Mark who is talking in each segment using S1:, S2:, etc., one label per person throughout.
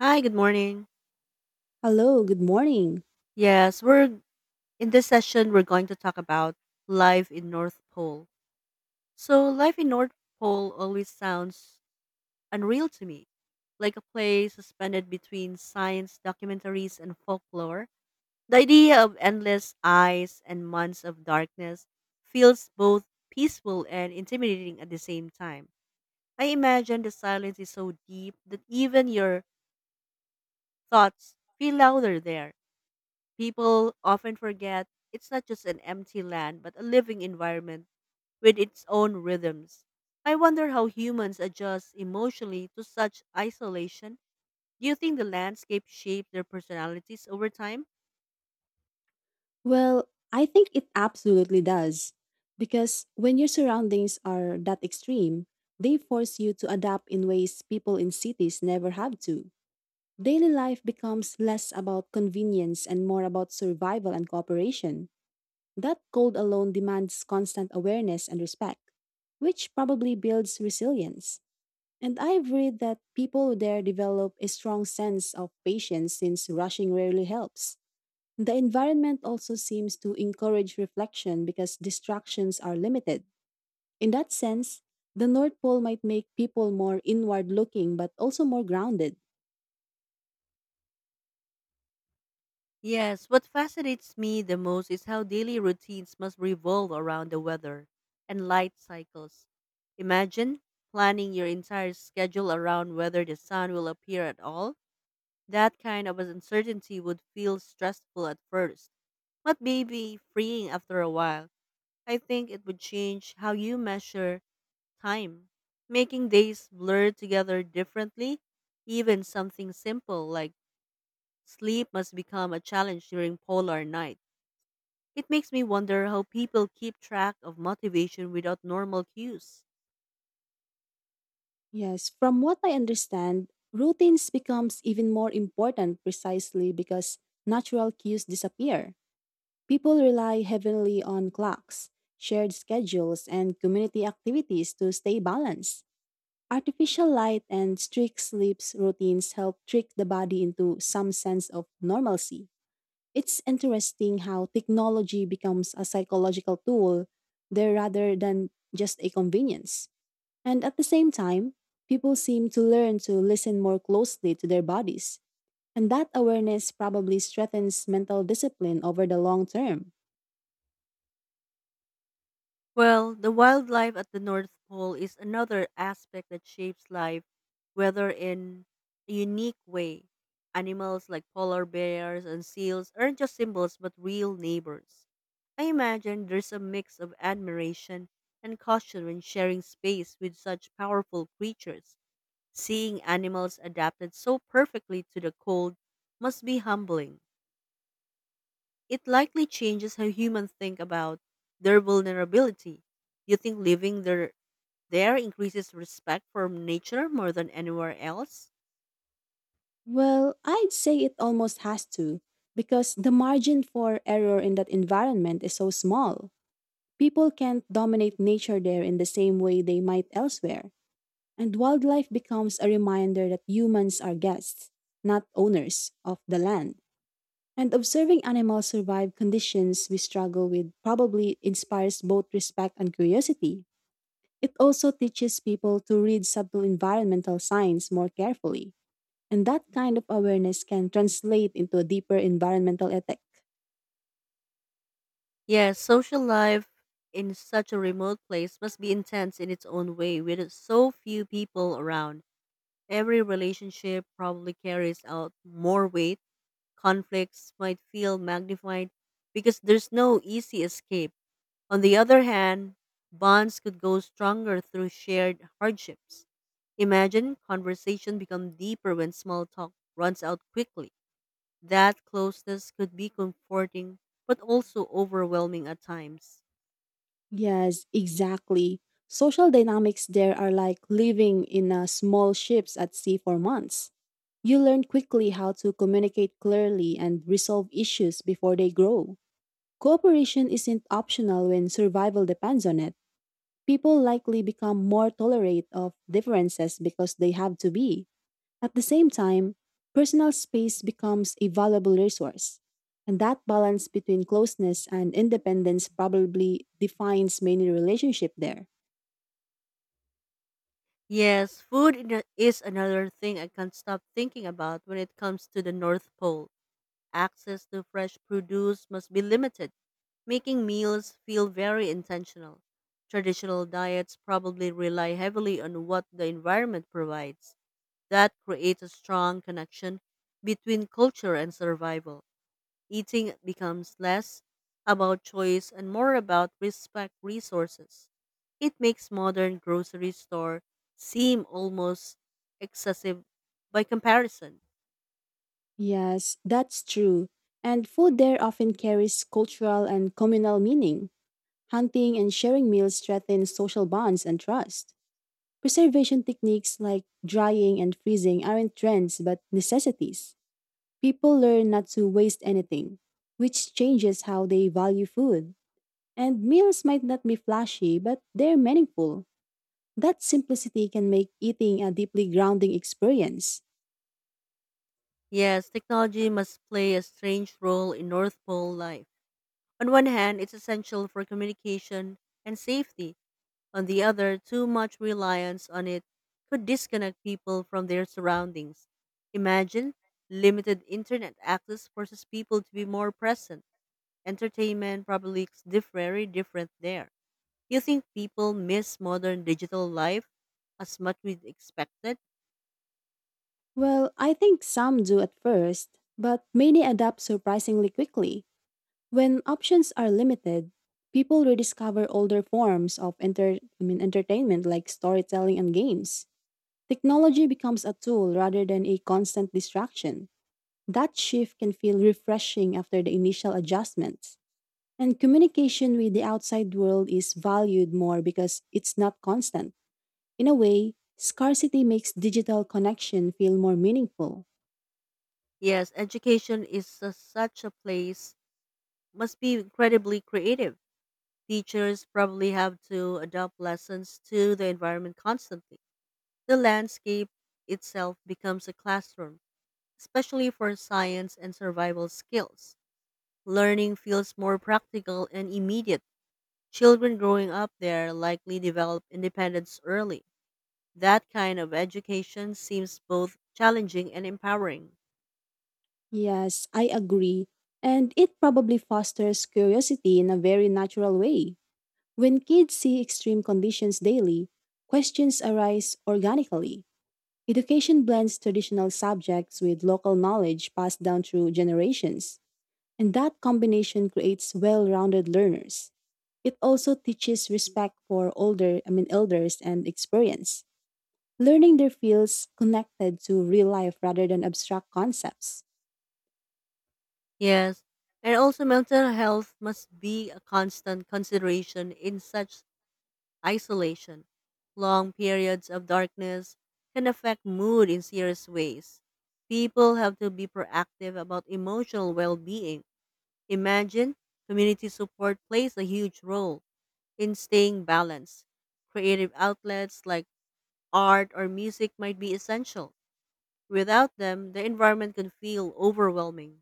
S1: Hi, good morning.
S2: Hello, good morning.
S1: Yes, we're in this session we're going to talk about life in North Pole. So, life in North Pole always sounds unreal to me, like a play suspended between science documentaries and folklore. The idea of endless ice and months of darkness feels both peaceful and intimidating at the same time. I imagine the silence is so deep that even your thoughts feel louder there. People often forget it's not just an empty land, but a living environment with its own rhythms. I wonder how humans adjust emotionally to such isolation. Do you think the landscape shaped their personalities over time?
S2: Well, I think it absolutely does. Because when your surroundings are that extreme, they force you to adapt in ways people in cities never have to. Daily life becomes less about convenience and more about survival and cooperation. That cold alone demands constant awareness and respect, which probably builds resilience. And I've read that people there develop a strong sense of patience since rushing rarely helps. The environment also seems to encourage reflection because distractions are limited. In that sense, the North Pole might make people more inward looking but also more grounded.
S1: Yes, what fascinates me the most is how daily routines must revolve around the weather and light cycles. Imagine planning your entire schedule around whether the sun will appear at all. That kind of uncertainty would feel stressful at first, but maybe freeing after a while. I think it would change how you measure time, making days blur together differently. Even something simple like sleep must become a challenge during polar night. It makes me wonder how people keep track of motivation without normal cues.
S2: Yes, from what I understand, routines becomes even more important precisely because natural cues disappear. People rely heavily on clocks, shared schedules, and community activities to stay balanced. Artificial light and strict sleep routines help trick the body into some sense of normalcy. It's interesting how technology becomes a psychological tool there rather than just a convenience. And at the same time, people seem to learn to listen more closely to their bodies. And that awareness probably strengthens mental discipline over the long term.
S1: Well, the wildlife at the North Pole is another aspect that shapes life, whether in a unique way. Animals like polar bears and seals aren't just symbols but real neighbors. I imagine there's a mix of admiration and caution when sharing space with such powerful creatures. Seeing animals adapted so perfectly to the cold must be humbling. It likely changes how humans think about their vulnerability. You think living there increases respect for nature more than anywhere else?
S2: Well, I'd say it almost has to, because the margin for error in that environment is so small. People can't dominate nature there in the same way they might elsewhere, and wildlife becomes a reminder that humans are guests, not owners, of the land. And observing animals survive conditions we struggle with probably inspires both respect and curiosity. It also teaches people to read subtle environmental signs more carefully, and that kind of awareness can translate into a deeper environmental ethic.
S1: Yes. Social life in such a remote place must be intense in its own way with so few people around. Every relationship probably carries out more weight. Conflicts might feel magnified because there's no easy escape. On the other hand, bonds could go stronger through shared hardships. Imagine conversation become deeper when small talk runs out quickly. That closeness could be comforting but also overwhelming at times.
S2: Yes, exactly. Social dynamics there are like living in small ships at sea for months. You learn quickly how to communicate clearly and resolve issues before they grow. Cooperation isn't optional when survival depends on it. People likely become more tolerant of differences because they have to be. At the same time, personal space becomes a valuable resource, and that balance between closeness and independence probably defines many relationships there.
S1: Yes, is another thing I can't stop thinking about when it comes to the North Pole. Access to fresh produce must be limited, making meals feel very intentional. Traditional diets probably rely heavily on what the environment provides. That creates a strong connection between culture and survival. Eating becomes less about choice and more about respect resources. It makes modern grocery store seem almost excessive by comparison.
S2: Yes, that's true. And food there often carries cultural and communal meaning. Hunting and sharing meals strengthen social bonds and trust. Preservation techniques like drying and freezing aren't trends but necessities. People learn not to waste anything, which changes how they value food. And meals might not be flashy, but they're meaningful. That simplicity can make eating a deeply grounding experience.
S1: Yes, technology must play a strange role in North Pole life. On one hand, it's essential for communication and safety. On the other, too much reliance on it could disconnect people from their surroundings. Imagine limited internet access forces people to be more present. Entertainment probably looks very different there. Do you think people miss modern digital life as much we expected?
S2: Well, I think some do at first, but many adapt surprisingly quickly. When options are limited, people rediscover older forms of entertainment like storytelling and games. Technology becomes a tool rather than a constant distraction. That shift can feel refreshing after the initial adjustments. And communication with the outside world is valued more because it's not constant. In a way, scarcity makes digital connection feel more meaningful.
S1: Yes, education is such a place must be incredibly creative. Teachers probably have to adapt lessons to the environment constantly. The landscape itself becomes a classroom, especially for science and survival skills. Learning feels more practical and immediate. Children growing up there likely develop independence early. That kind of education seems both challenging and empowering.
S2: Yes, I agree. And it probably fosters curiosity in a very natural way. When kids see extreme conditions daily, questions arise organically. Education blends traditional subjects with local knowledge passed down through generations. And that combination creates well-rounded learners. It also teaches respect for older, I mean elders and experience. Learning their fields connected to real life rather than abstract concepts.
S1: Yes, and also mental health must be a constant consideration in such isolation, long periods of darkness can affect mood in serious ways. People have to be proactive about emotional well being. Imagine community support plays a huge role in staying balanced. Creative outlets like art or music might be essential. Without them, the environment can feel overwhelming.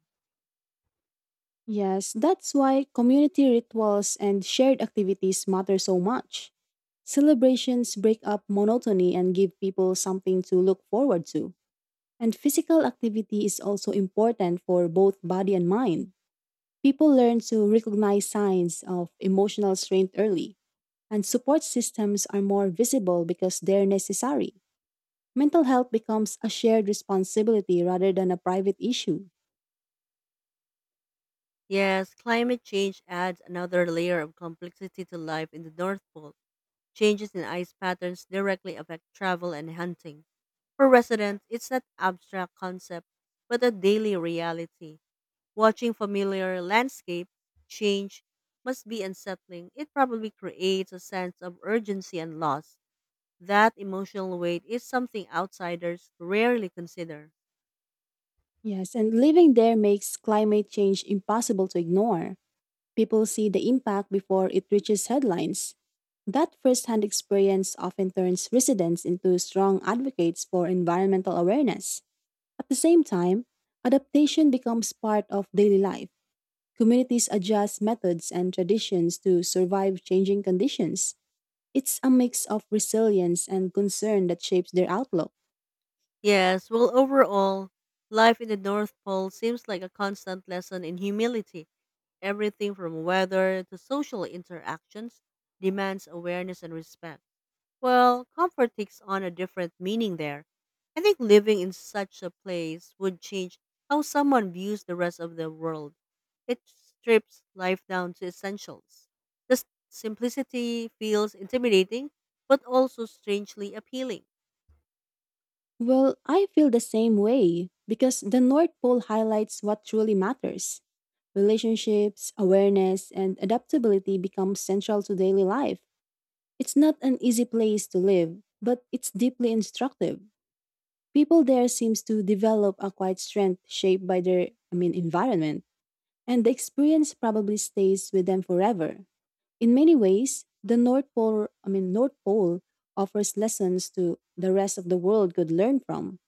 S2: Yes, that's why community rituals and shared activities matter so much. Celebrations break up monotony and give people something to look forward to. And physical activity is also important for both body and mind. People learn to recognize signs of emotional strain early, and support systems are more visible because they're necessary. Mental health becomes a shared responsibility rather than a private issue.
S1: Yes, climate change adds another layer of complexity to life in the North Pole. Changes in ice patterns directly affect travel and hunting. For residents, it's not abstract concept, but a daily reality. Watching familiar landscape change must be unsettling. It probably creates a sense of urgency and loss. That emotional weight is something outsiders rarely consider.
S2: Yes, and living there makes climate change impossible to ignore. People see the impact before it reaches headlines. That firsthand experience often turns residents into strong advocates for environmental awareness. At the same time, adaptation becomes part of daily life. Communities adjust methods and traditions to survive changing conditions. It's a mix of resilience and concern that shapes their outlook.
S1: Yes, well, overall, life in the North Pole seems like a constant lesson in humility. Everything from weather to social interactions demands awareness and respect. Well, comfort takes on a different meaning there. I think living in such a place would change how someone views the rest of the world. It strips life down to essentials. The simplicity feels intimidating, but also strangely appealing.
S2: Well, I feel the same way because the North Pole highlights what truly matters. Relationships, awareness, and adaptability become central to daily life. It's not an easy place to live, but it's deeply instructive. People there seems to develop a quiet strength shaped by environment. And the experience probably stays with them forever. In many ways, the North Pole offers lessons to the rest of the world could learn from.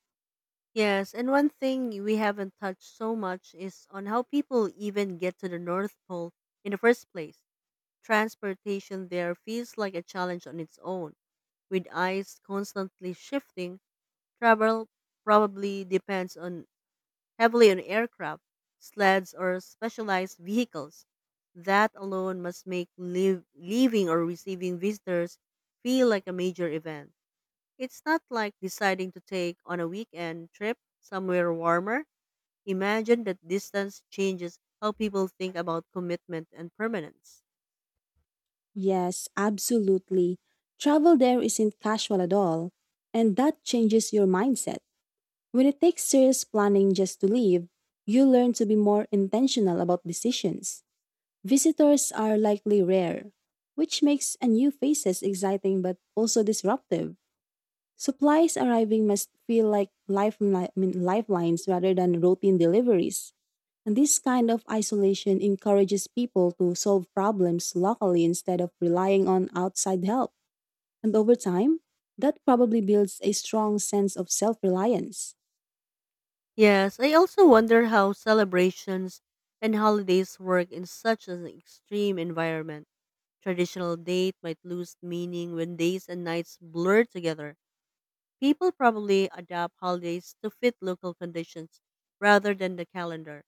S1: Yes, and one thing we haven't touched so much is on how people even get to the North Pole in the first place. Transportation there feels like a challenge on its own. With ice constantly shifting, travel probably depends on heavily on aircraft, sleds, or specialized vehicles. That alone must make leaving or receiving visitors feel like a major event. It's not like deciding to take on a weekend trip somewhere warmer. Imagine that distance changes how people think about commitment and permanence.
S2: Yes, absolutely. Travel there isn't casual at all, and that changes your mindset. When it takes serious planning just to leave, you learn to be more intentional about decisions. Visitors are likely rare, which makes a new faces exciting but also disruptive. Supplies arriving must feel like lifelines rather than routine deliveries. And this kind of isolation encourages people to solve problems locally instead of relying on outside help. And over time, that probably builds a strong sense of self reliance.
S1: Yes, I also wonder how celebrations and holidays work in such an extreme environment. Traditional date might lose meaning when days and nights blur together. People probably adapt holidays to fit local conditions rather than the calendar.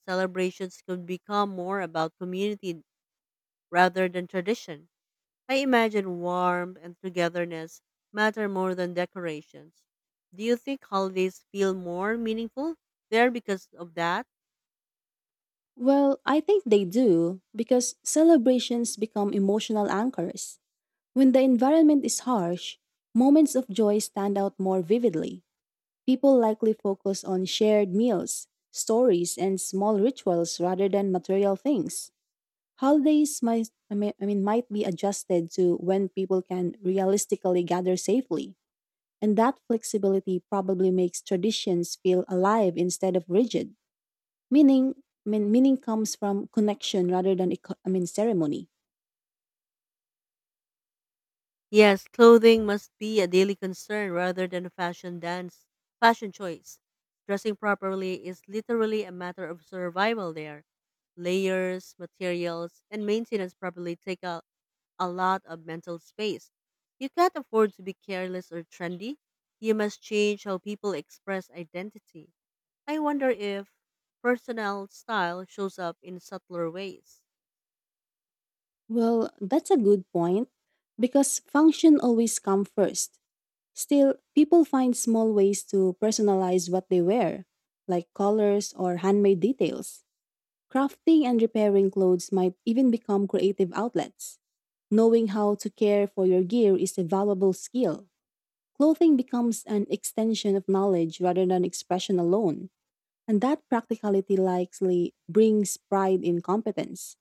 S1: Celebrations could become more about community rather than tradition. I imagine warmth and togetherness matter more than decorations. Do you think holidays feel more meaningful there because of that?
S2: Well, I think they do because celebrations become emotional anchors. When the environment is harsh, moments of joy stand out more vividly. People likely focus on shared meals, stories, and small rituals rather than material things. Holidays might I mean might be adjusted to when people can realistically gather safely, and that flexibility probably makes traditions feel alive instead of rigid. Meaning, Meaning comes from connection rather than ceremony.
S1: Yes, clothing must be a daily concern rather than a fashion choice. Dressing properly is literally a matter of survival there. Layers, materials, and maintenance probably take a lot of mental space. You can't afford to be careless or trendy. You must change how people express identity. I wonder if personal style shows up in subtler ways.
S2: Well, that's a good point because function always comes first. Still, people find small ways to personalize what they wear, like colors or handmade details. Crafting and repairing clothes might even become creative outlets. Knowing how to care for your gear is a valuable skill. Clothing becomes an extension of knowledge rather than expression alone, and that practicality likely brings pride in competence.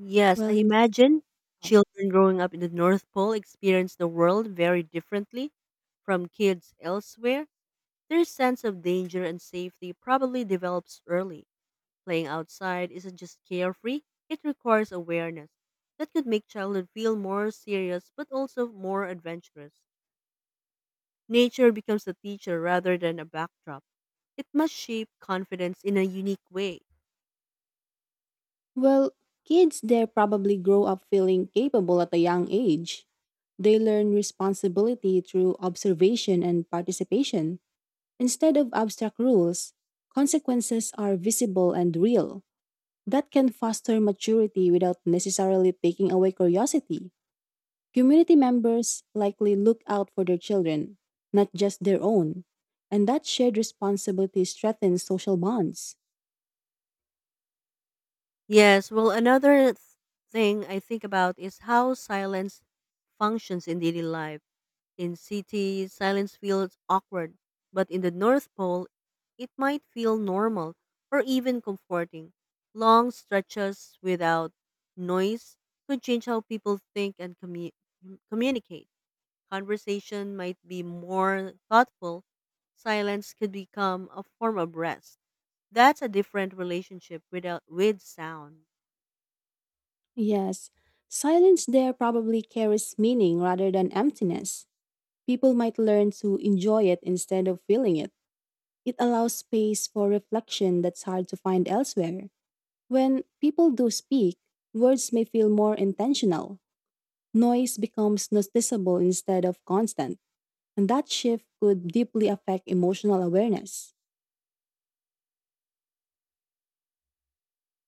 S1: Yes, I
S2: Well, you
S1: imagine children growing up in the North Pole experience the world very differently from kids elsewhere. Their sense of danger and safety probably develops early. Playing outside isn't just carefree, it requires awareness. That could make childhood feel more serious but also more adventurous. Nature becomes a teacher rather than a backdrop. It must shape confidence in a unique way.
S2: Well, kids there probably grow up feeling capable at a young age. They learn responsibility through observation and participation instead of abstract rules. Consequences are visible and real. That can foster maturity without necessarily taking away curiosity. Community members likely look out for their children, not just their own, and that shared responsibility strengthens social bonds.
S1: Yes, well, another thing I think about is how silence functions in daily life. In cities, silence feels awkward, but in the North Pole, it might feel normal or even comforting. Long stretches without noise could change how people think and communicate. Conversation might be more thoughtful. Silence could become a form of rest. That's a different relationship without with sound.
S2: Yes, silence there probably carries meaning rather than emptiness. People might learn to enjoy it instead of feeling it. It allows space for reflection that's hard to find elsewhere. When people do speak, words may feel more intentional. Noise becomes noticeable instead of constant, and that shift could deeply affect emotional awareness.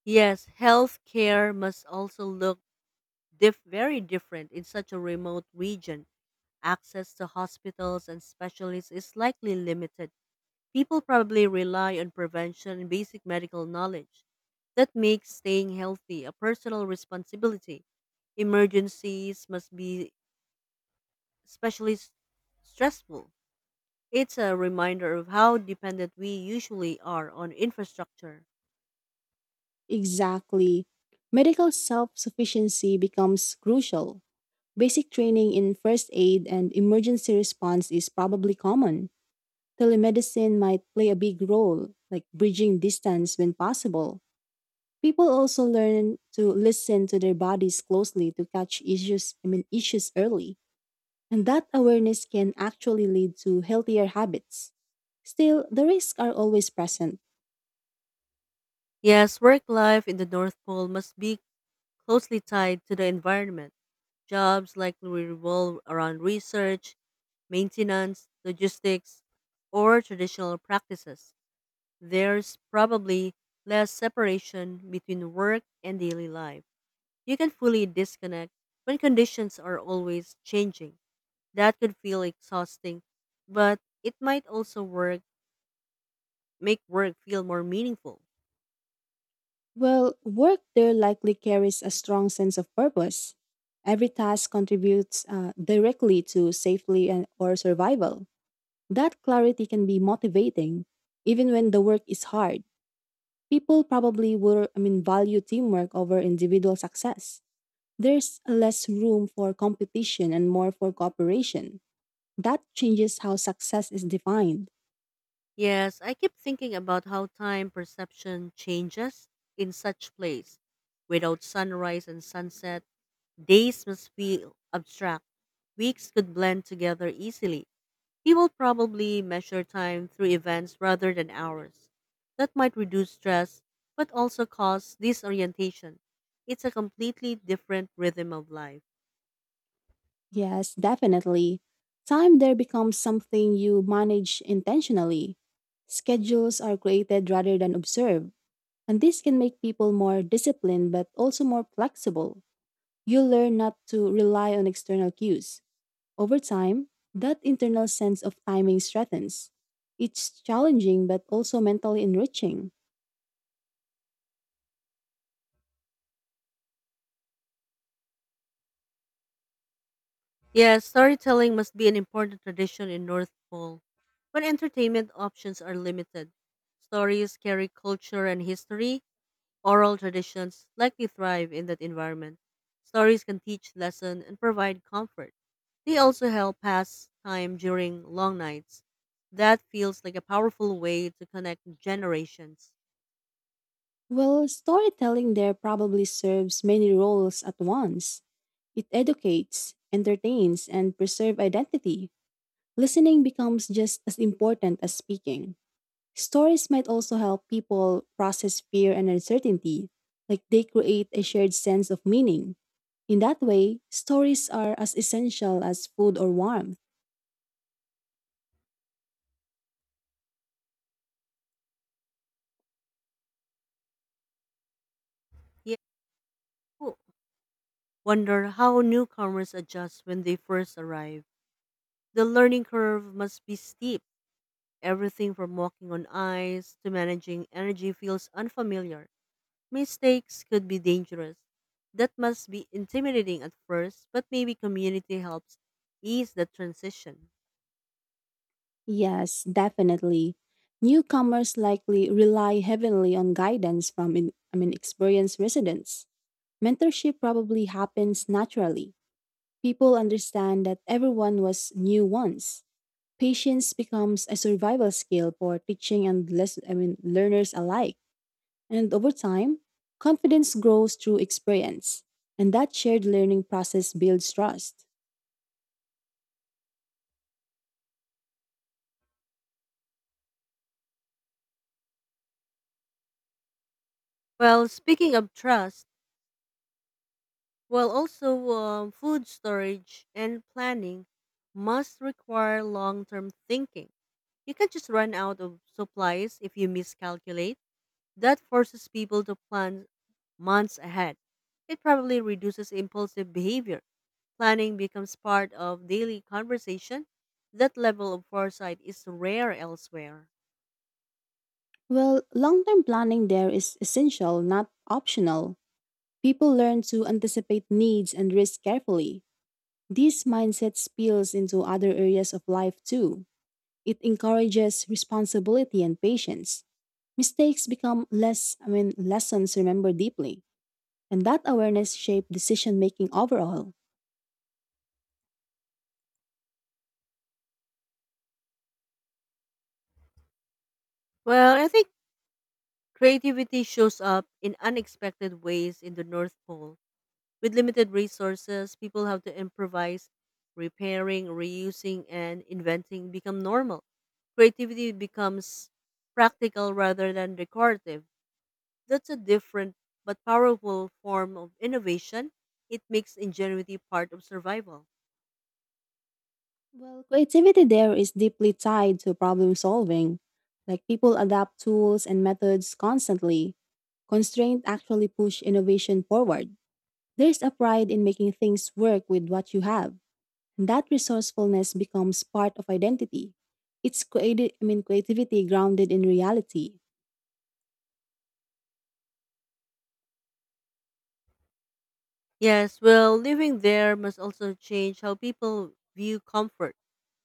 S1: Yes, healthcare must also look very different in such a remote region. Access to hospitals and specialists is likely limited. People probably rely on prevention and basic medical knowledge. That makes staying healthy a personal responsibility. Emergencies must be especially stressful. It's a reminder of how dependent we usually are on infrastructure.
S2: Exactly. Medical self sufficiency becomes crucial. Basic training in first aid and emergency response is probably common. Telemedicine might play a big role, like bridging distance when possible. People also learn to listen to their bodies closely to catch issues early. And that awareness can actually lead to healthier habits. Still, the risks are always present.
S1: Yes, work life in the North Pole must be closely tied to the environment. Jobs likely revolve around research, maintenance, logistics, or traditional practices. There's probably less separation between work and daily life. You can fully disconnect when conditions are always changing. That could feel exhausting, but it might also work make work feel more meaningful.
S2: Well, work there likely carries a strong sense of purpose. Every task contributes directly to safety and, or survival. That clarity can be motivating, even when the work is hard. People probably value teamwork over individual success. There's less room for competition and more for cooperation. That changes how success is defined.
S1: Yes, I keep thinking about how time perception changes in such place. Without sunrise and sunset, days must feel abstract. Weeks could blend together easily. People probably measure time through events rather than hours. That might reduce stress, but also cause disorientation. It's a completely different rhythm of life.
S2: Yes, definitely. Time there becomes something you manage intentionally. Schedules are created rather than observed, and this can make people more disciplined but also more flexible. You learn not to rely on external cues. Over time, that internal sense of timing strengthens. It's challenging but also mentally enriching.
S1: Yes, storytelling must be an important tradition in North Pole. When entertainment options are limited, stories carry culture and history. Oral traditions likely thrive in that environment. Stories can teach lesson and provide comfort. They also help pass time during long nights. That feels like a powerful way to connect generations.
S2: Well, storytelling there probably serves many roles at once. It educates, entertains, and preserves identity. Listening becomes just as important as speaking. Stories might also help people process fear and uncertainty, like they create a shared sense of meaning. In that way, stories are as essential as food or warmth.
S1: Yeah, oh, wonder how newcomers adjust when they first arrive. The learning curve must be steep. Everything from walking on ice to managing energy feels unfamiliar. Mistakes could be dangerous. That must be intimidating at first, but maybe community helps ease the transition.
S2: Yes, definitely. Newcomers likely rely heavily on guidance from in, I mean experienced residents. Mentorship probably happens naturally. People understand that everyone was new once. Patience becomes a survival skill for teaching and learners alike. And over time, confidence grows through experience, and that shared learning process builds trust.
S1: Well, speaking of trust, well, also food storage and planning must require long term thinking. You can't just run out of supplies if you miscalculate. That forces people to plan months ahead. It probably reduces impulsive behavior. Planning becomes part of daily conversation. That level of foresight is rare elsewhere.
S2: Well, long term planning there is essential, not optional. People learn to anticipate needs and risk carefully. This mindset spills into other areas of life too. It encourages responsibility and patience. Mistakes become lessons remembered deeply. And that awareness shaped decision making overall.
S1: Well, I think creativity shows up in unexpected ways in the North Pole. With limited resources, people have to improvise, repairing, reusing, and inventing become normal. Creativity becomes practical rather than decorative. That's a different but powerful form of innovation. It makes ingenuity part of survival.
S2: Well, creativity there is deeply tied to problem solving. Like people adapt tools and methods constantly. Constraint actually push innovation forward. There's a pride in making things work with what you have. And that resourcefulness becomes part of identity. It's creative I mean creativity grounded in reality.
S1: Yes, well, living there must also change how people view comfort.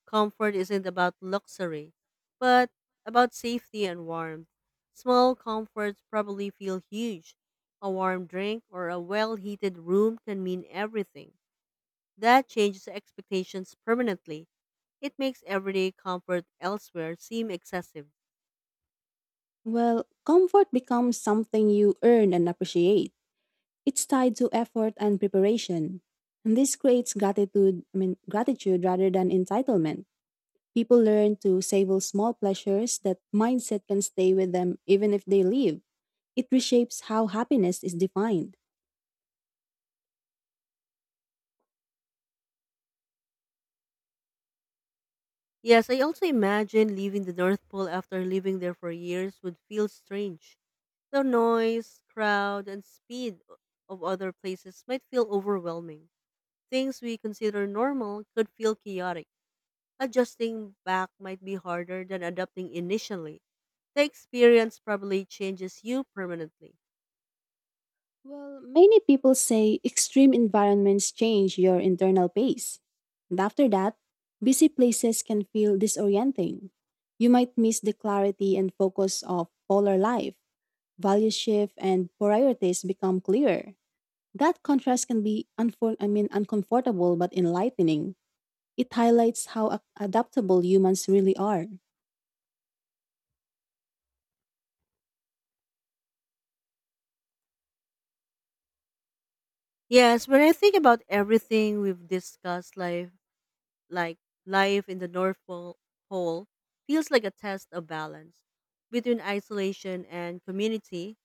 S1: Comfort isn't about luxury, but about safety and warmth. Small comforts probably feel huge. A warm drink or a well heated room can mean everything. That changes expectations permanently. It makes everyday comfort elsewhere seem excessive.
S2: Well, comfort becomes something you earn and appreciate. It's tied to effort and preparation. And this creates gratitude, I mean gratitude rather than entitlement. People learn to savor small pleasures that mindset can stay with them even if they leave. It reshapes how happiness is defined.
S1: Yes, I also imagine leaving the North Pole after living there for years would feel strange. The noise, crowd, and speed of other places might feel overwhelming. Things we consider normal could feel chaotic. Adjusting back might be harder than adapting initially. The experience probably changes you permanently.
S2: Well, many people say extreme environments change your internal pace. And after that, busy places can feel disorienting. You might miss the clarity and focus of polar life. Values shift and priorities become clearer. That contrast can be uncomfortable but enlightening. It highlights how adaptable humans really are.
S1: Yes, when I think about everything we've discussed, like life in the North Pole feels like a test of balance between isolation and community,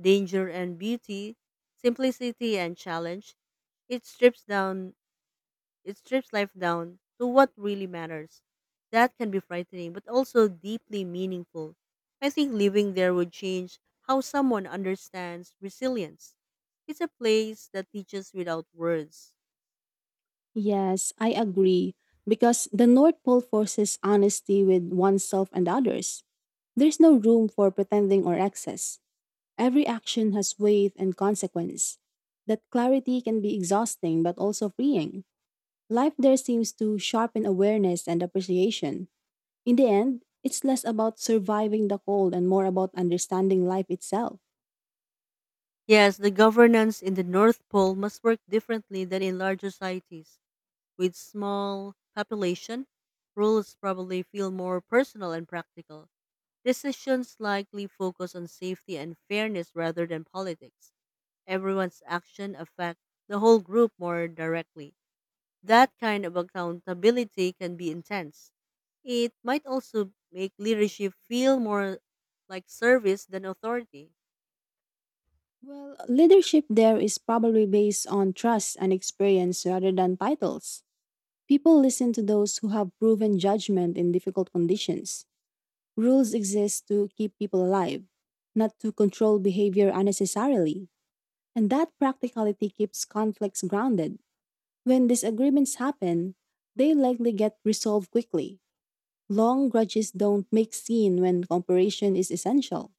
S1: danger and beauty, simplicity and challenge. It strips down it strips life down to what really matters. That can be frightening but also deeply meaningful. I think living there would change how someone understands resilience. It's a place that teaches without words.
S2: Yes, I agree because the North Pole forces honesty with oneself and others. There's no room for pretending or excess. Every action has weight and consequence. That clarity can be exhausting but also freeing. Life there seems to sharpen awareness and appreciation. In the end, it's less about surviving the cold and more about understanding life itself.
S1: Yes, the governance in the North Pole must work differently than in larger societies. With small population, rules probably feel more personal and practical. Decisions likely focus on safety and fairness rather than politics. Everyone's action affect the whole group more directly. That kind of accountability can be intense. It might also make leadership feel more like service than authority.
S2: Well, leadership there is probably based on trust and experience rather than titles. People listen to those who have proven judgment in difficult conditions. Rules exist to keep people alive, not to control behavior unnecessarily. And that practicality keeps conflicts grounded. When disagreements happen, they likely get resolved quickly. Long grudges don't make scene when cooperation is essential.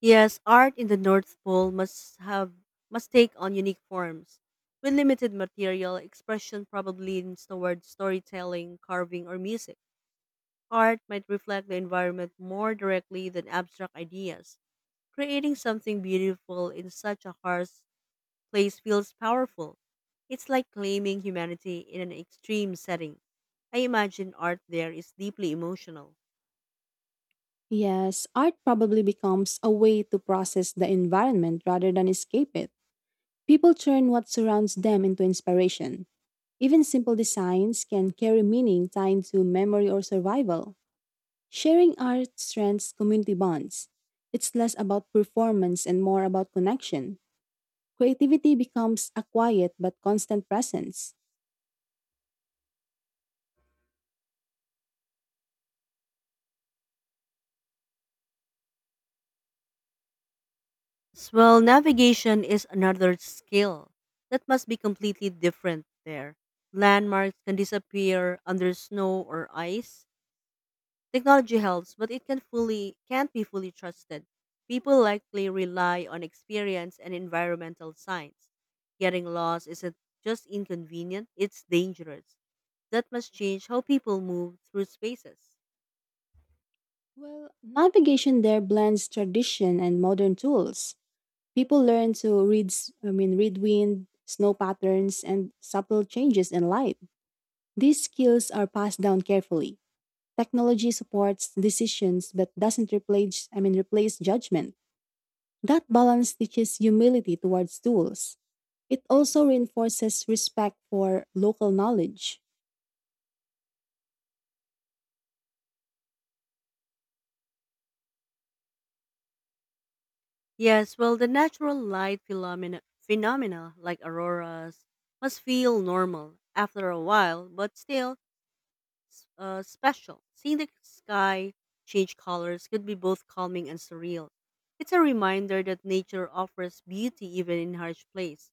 S1: Yes, art in the North Pole must take on unique forms. With limited material, expression probably leans toward storytelling, carving, or music. Art might reflect the environment more directly than abstract ideas. Creating something beautiful in such a harsh place feels powerful. It's like claiming humanity in an extreme setting. I imagine art there is deeply emotional.
S2: Yes, art probably becomes a way to process the environment rather than escape it. People turn what surrounds them into inspiration. Even simple designs can carry meaning tied to memory or survival. Sharing art strengthens community bonds. It's less about performance and more about connection. Creativity becomes a quiet but constant presence.
S1: Yes, well, navigation is another skill that must be completely different there. Landmarks can disappear under snow or ice. Technology helps, but it can't be fully trusted. People likely rely on experience and environmental science. Getting lost isn't just inconvenient, it's dangerous. That must change how people move through spaces.
S2: Well, navigation there blends tradition and modern tools. People learn to read, s- I mean, read wind, snow patterns, and subtle changes in light. These skills are passed down carefully. Technology supports decisions but doesn't replace judgment. That balance teaches humility towards tools. It also reinforces respect for local knowledge.
S1: Yes, well, the natural light phenomena like auroras must feel normal after a while, but still special. Seeing the sky change colors could be both calming and surreal. It's a reminder that nature offers beauty even in harsh place.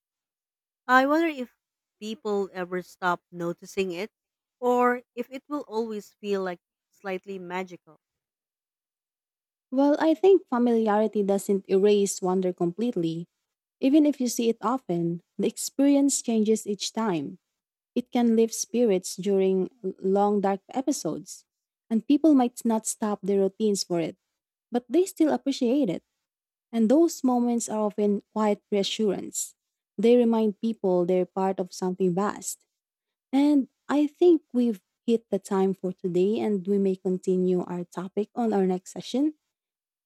S1: I wonder if people ever stop noticing it or if it will always feel like slightly magical.
S2: Well, I think familiarity doesn't erase wonder completely. Even if you see it often, the experience changes each time. It can lift spirits during long dark episodes, and people might not stop their routines for it, but they still appreciate it. And those moments are often quiet reassurance. They remind people they're part of something vast. And I think we've hit the time for today, and we may continue our topic on our next session.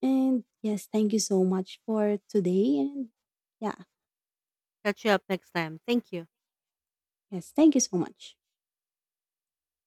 S2: And yes, thank you so much for today. And yeah,
S1: Catch you up next time. Thank you.
S2: yes, thank you so much.